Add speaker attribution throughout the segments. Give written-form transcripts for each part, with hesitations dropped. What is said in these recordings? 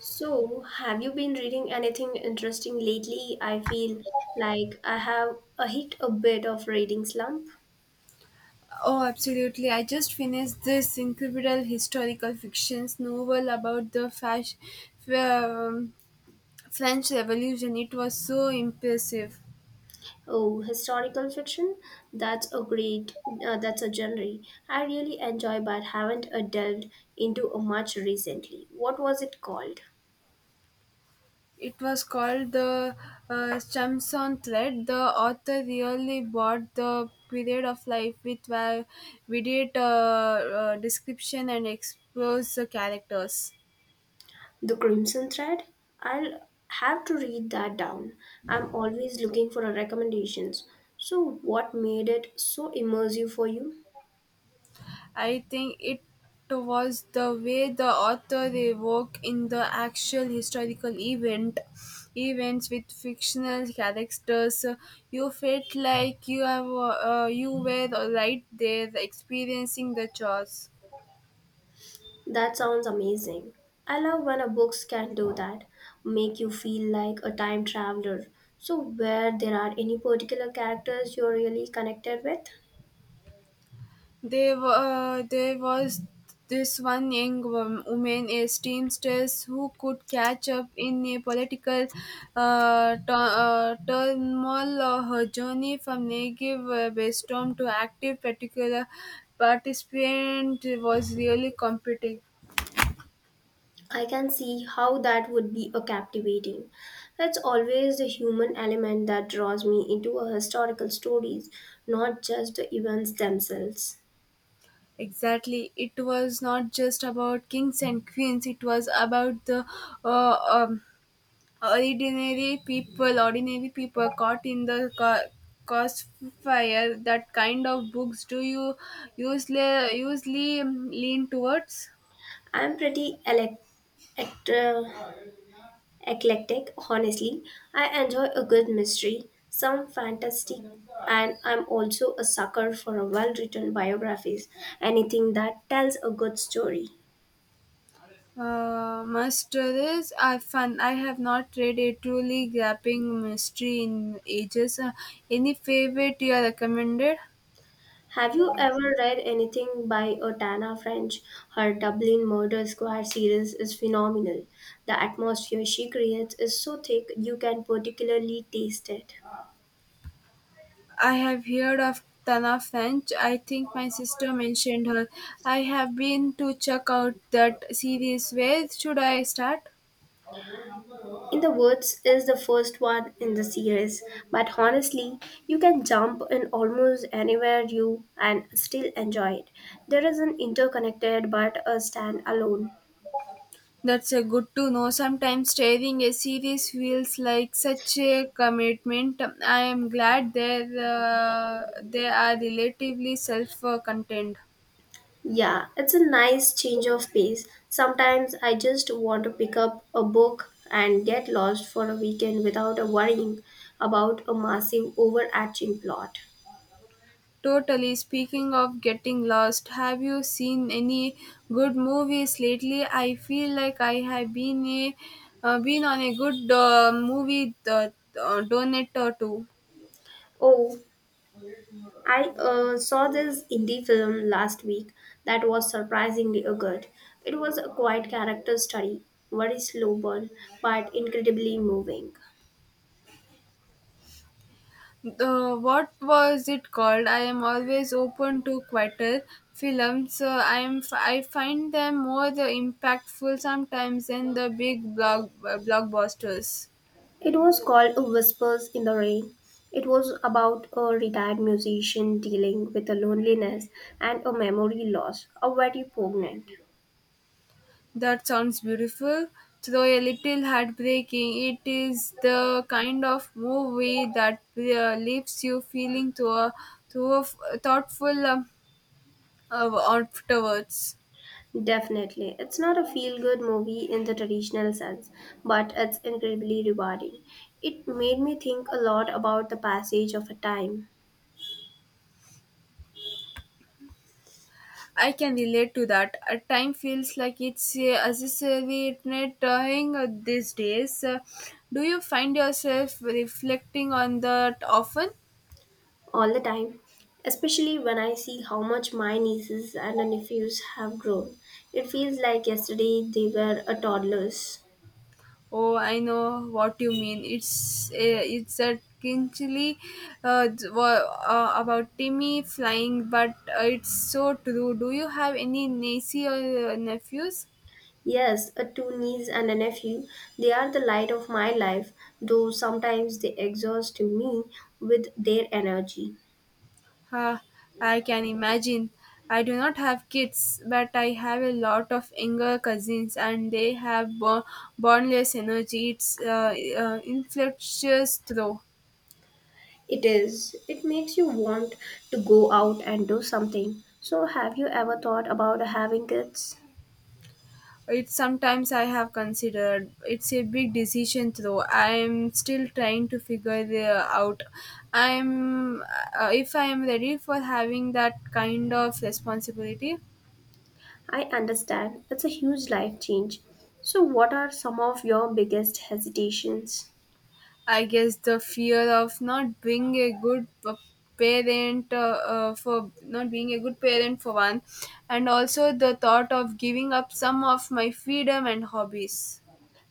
Speaker 1: So, have you been reading anything interesting lately? I feel like I have a hit a bit of reading slump.
Speaker 2: Oh, absolutely. I just finished this incredible historical fiction novel about the um, French Revolution. It was so impressive.
Speaker 1: Oh, historical fiction? That's a great, that's a genre I really enjoy but haven't delved into much recently. What was it called?
Speaker 2: It was called The Chamson Thread. The author really brought the period of life with vivid description and explores the characters.
Speaker 1: The Crimson Thread? I'll have to read that down. I'm always looking for recommendations. So, what made it so immersive for you?
Speaker 2: I think it was the way the author evoked in the actual historical events with fictional characters. You felt like you were right there experiencing the chores.
Speaker 1: That sounds amazing. I love when a books can do that, make you feel like a time traveler. So, where there are any particular characters you're really connected with,
Speaker 2: There was this one young woman, a seamstress, who could catch up in a political turmoil. Her journey from negative brainstorm to active particular participant was really competing.
Speaker 1: I can see how that would be a captivating. That's always the human element that draws me into a historical stories, not just the events themselves.
Speaker 2: Exactly. It was not just about kings and queens, it was about the uh, um, ordinary people caught in the crossfire. That kind of books do you usually lean towards?
Speaker 1: I'm pretty elect- Eclectic, honestly. I enjoy a good mystery, some fantasy, and I'm also a sucker for a well written biographies, anything that tells a good story.
Speaker 2: Masteries are fun. I have not read a truly gripping mystery in ages. Any favorite you are recommended?
Speaker 1: Have you ever read anything by Otana French? Her Dublin Murder Squad series is phenomenal. The atmosphere she creates is so thick you can particularly taste it.
Speaker 2: I have heard of tana french. I think my sister mentioned her. I have been to check out that series. Where should I start?
Speaker 1: In the Woods is the first one in the series, but honestly, you can jump in almost anywhere you and still enjoy it. There is an interconnected but a standalone.
Speaker 2: That's a good to know. Sometimes steering a series feels like such a commitment. I am glad that they are relatively self-contained.
Speaker 1: Yeah, it's a nice change of pace. Sometimes I just want to pick up a book and get lost for a weekend without worrying about a massive overarching plot.
Speaker 2: Totally. Speaking of getting lost, have you seen any good movies lately? I feel like I have been a been on a good movie donut or two.
Speaker 1: Oh, I saw this indie film last week that was surprisingly good. It was a quiet character study, very slow burn, but incredibly moving.
Speaker 2: The what was it called? I am always open to quieter films. I am I find them more the impactful sometimes than the big blockbusters.
Speaker 1: It was called Whispers in the Rain. It was about a retired musician dealing with a loneliness and a memory loss, a very poignant.
Speaker 2: That sounds beautiful. Though a little heartbreaking, it is the kind of movie that leaves you feeling to a f- thoughtful afterwards.
Speaker 1: Definitely, it's not a feel good movie in the traditional sense, but it's incredibly rewarding. It made me think a lot about the passage of a time.
Speaker 2: I can relate to that. Time feels like it's accelerating these days. Do you find yourself reflecting on that often?
Speaker 1: All the time, especially when I see how much my nieces and nephews have grown. It feels like yesterday they were a toddlers.
Speaker 2: Oh, I know what you mean. It's a kinchly about Timmy flying, but it's so true. Do you have any niece or nephews?
Speaker 1: Yes, a two niece and a nephew, they are the light of my life, though sometimes they exhaust me with their energy.
Speaker 2: Ah, I can imagine. I do not have kids, but I have a lot of younger cousins, and they have boundless energy. It's infectious, though.
Speaker 1: It is, it makes you want to go out and do something. So, have you ever thought about having kids?
Speaker 2: It's sometimes I have considered. It's a big decision, though. I'm still trying to figure it out. I'm If I am ready for having that kind of responsibility.
Speaker 1: I understand it's a huge life change. So, what are some of your biggest hesitations?
Speaker 2: I guess the fear of not being a good p- parent for not being a good parent for one, and also the thought of giving up some of my freedom and hobbies.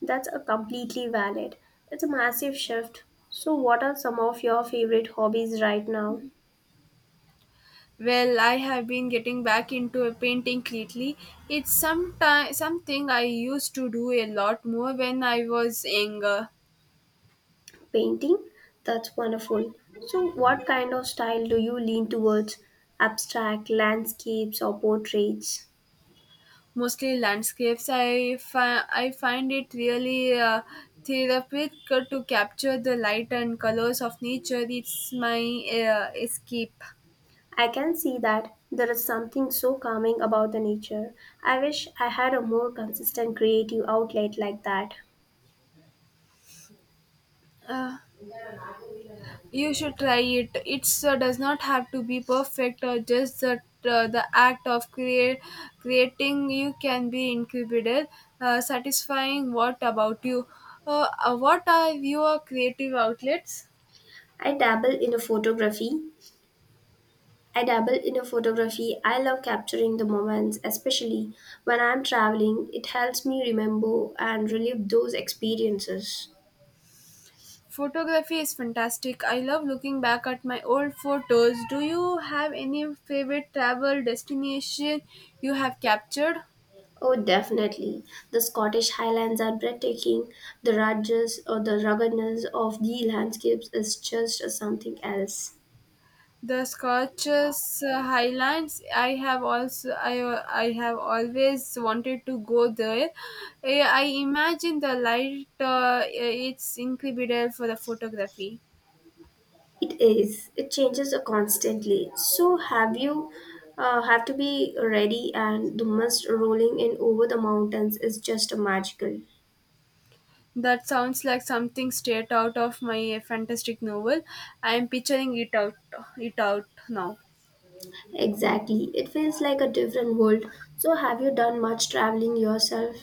Speaker 1: That's a completely valid. It's a massive shift. So, what are some of your favorite hobbies right now?
Speaker 2: Well, I have been getting back into a painting lately. It's sometime something I used to do a lot more when I was younger.
Speaker 1: Painting? That's wonderful. So, what kind of style do you lean towards? Abstract, landscapes, or portraits?
Speaker 2: Mostly landscapes. I find it really therapeutic to capture the light and colors of nature. It's my escape.
Speaker 1: I can see that there is something so calming about the nature. I wish I had a more consistent creative outlet like that.
Speaker 2: You should try it. It does not have to be perfect, or just the act of creating. You can be incredible, satisfying. What about you? What are your creative outlets?
Speaker 1: I dabble in a photography. I dabble in a photography. I love capturing the moments, especially when I'm traveling. It helps me remember and relive those experiences.
Speaker 2: Photography is fantastic. I love looking back at my old photos. Do you have any favorite travel destination you have captured?
Speaker 1: Oh, definitely. The Scottish Highlands are breathtaking. The ruggedness or the ruggedness of the landscapes is just something else.
Speaker 2: The Scottish Highlands. I have always wanted to go there. I imagine the light. It's incredible for the photography.
Speaker 1: It is. It changes constantly. So have you have to be ready, and the mist rolling in over the mountains is just magical.
Speaker 2: That sounds like something straight out of my fantastic novel. I am picturing it out now.
Speaker 1: Exactly. It feels like a different world. So, have you done much traveling yourself?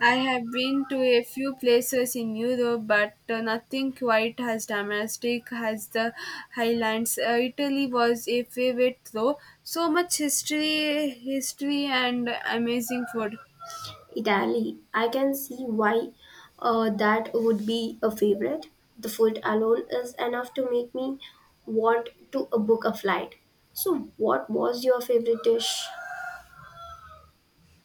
Speaker 2: I have been to a few places in Europe, but nothing quite as domestic as the Highlands. Italy was a favorite, though. So much history, and amazing food.
Speaker 1: Italy. I can see why that would be a favorite. The food alone is enough to make me want to book a flight. So, what was your favorite dish?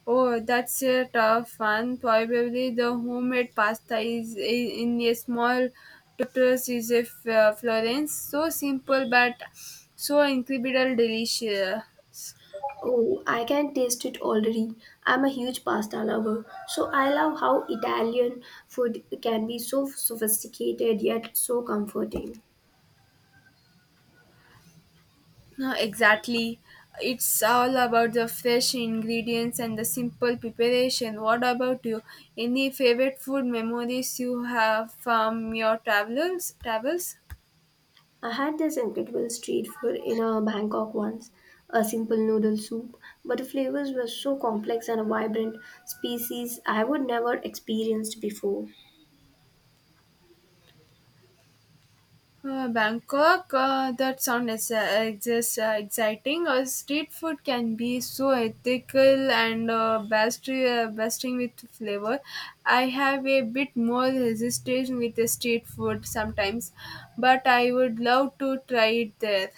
Speaker 2: Oh, that's a tough one. Probably the homemade pasta in a small tutors is a Florence. So simple, but so incredible delicious.
Speaker 1: Oh, I can taste it already. I'm a huge pasta lover. So, I love how Italian food can be so sophisticated yet so comforting.
Speaker 2: No, exactly. It's all about the fresh ingredients and the simple preparation. What about you? Any favorite food memories you have from your travels?
Speaker 1: I had this incredible street food in Bangkok once, a simple noodle soup, but the flavors were so complex and vibrant, species I would never experienced before.
Speaker 2: Bangkok. That sounds just exciting. Street food can be so ethical and bustling with flavor. I have a bit more resistance with the street food sometimes, but I would love to try it there.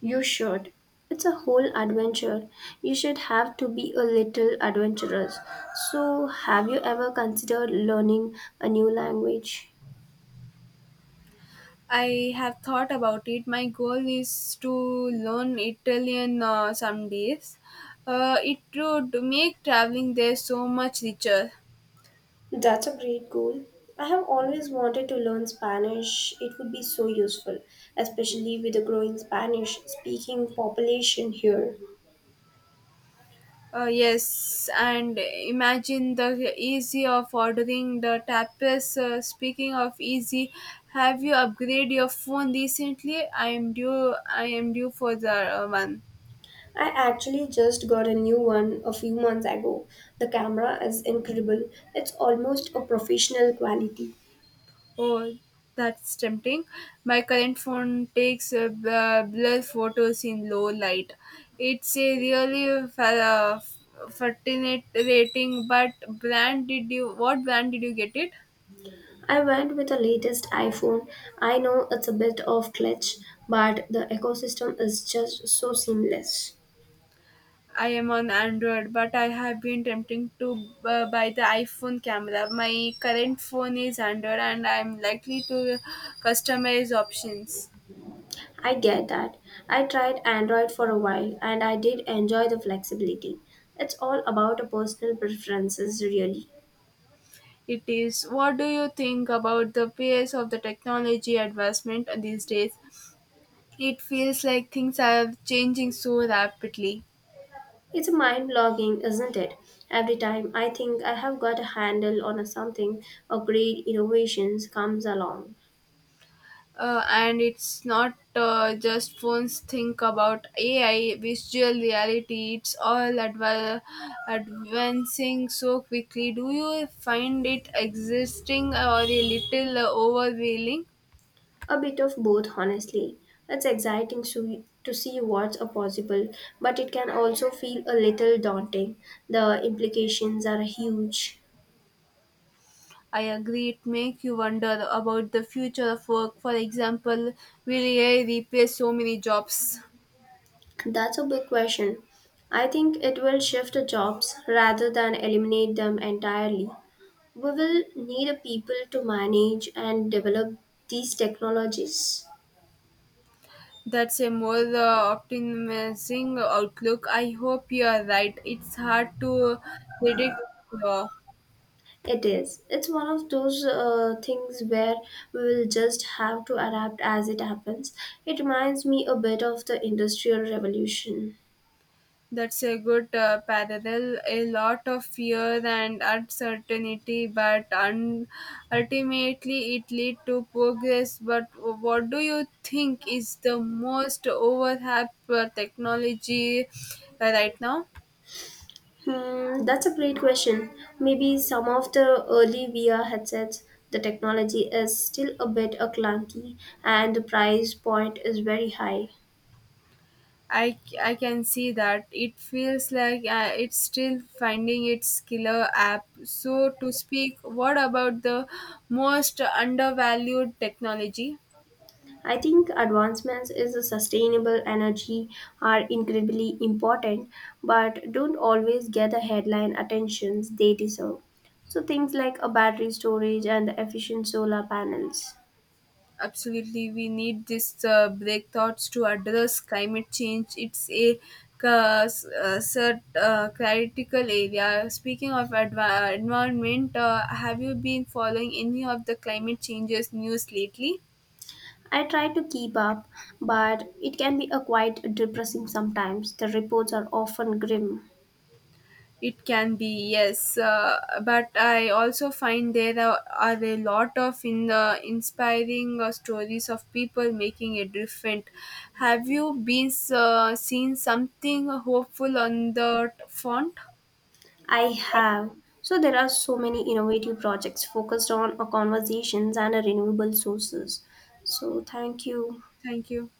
Speaker 1: You should. It's a whole adventure. You should have to be a little adventurous. So, have you ever considered learning a new language?
Speaker 2: I have thought about it. My goal is to learn Italian some days. It would make traveling there so much richer.
Speaker 1: That's a great goal. I have always wanted to learn Spanish. It would be so useful, especially with the growing Spanish speaking population here.
Speaker 2: Yes, and imagine the easy of ordering the tapas. Speaking of easy, have you upgraded your phone recently? I am due for the one.
Speaker 1: I actually just got a new one a few months ago. The camera is incredible, it's almost a professional quality.
Speaker 2: Oh, that's tempting. My current phone takes blur photos in low light. It's a really fascinating, but brand did you? What brand did you get it?
Speaker 1: I went with the latest iPhone. I know it's a bit of glitch, but the ecosystem is just so seamless.
Speaker 2: I am on Android, but I have been tempting to buy the iPhone camera. My current phone is Android, and I'm likely to customize options.
Speaker 1: I get that. I tried Android for a while and I did enjoy the flexibility. It's all about a personal preferences really.
Speaker 2: It is. What do you think about the pace of the technology advancement these days? It feels like things are changing so rapidly.
Speaker 1: It's mind blogging, isn't it? Every time I think I have got a handle on something, a great innovation comes along.
Speaker 2: And it's not just phones. Think about AI, visual reality, it's all advancing so quickly. Do you find it existing or a little overwhelming?
Speaker 1: A bit of both, honestly. It's exciting to see what's a possible, but it can also feel a little daunting. The implications are huge.
Speaker 2: I agree, it makes you wonder about the future of work. For example, will AI replace so many jobs?
Speaker 1: That's a big question. I think it will shift the jobs rather than eliminate them entirely. We will need a people to manage and develop these technologies.
Speaker 2: That's a more optimistic outlook. I hope you're right. It's hard to predict. Uh,
Speaker 1: It is. It's one of those things where we will just have to adapt as it happens. It reminds me a bit of the Industrial Revolution.
Speaker 2: that's a good parallel. A lot of fear and uncertainty, but ultimately it lead to progress. But what do you think is the most overhyped technology right now?
Speaker 1: Hmm, that's a great question. Maybe some of the early VR headsets, the technology is still a bit clunky and the price point is very high.
Speaker 2: I can see that. It feels like it's still finding its killer app, so to speak. What about the most undervalued technology?
Speaker 1: I think advancements in the sustainable energy are incredibly important, but don't always get the headline attentions they deserve. So things like a battery storage and the efficient solar panels.
Speaker 2: Absolutely, we need this breakthroughs to address climate change. It's a critical area. Speaking of environment, have you been following any of the climate changes news lately?
Speaker 1: I try to keep up, but it can be a quite depressing sometimes. The reports are often grim.
Speaker 2: It can be, yes, but I also find there are a lot of in the inspiring stories of people making a different. Have you been seen something hopeful on the font?
Speaker 1: I have. So there are so many innovative projects focused on a conversations and a renewable sources. So thank you.
Speaker 2: Thank you.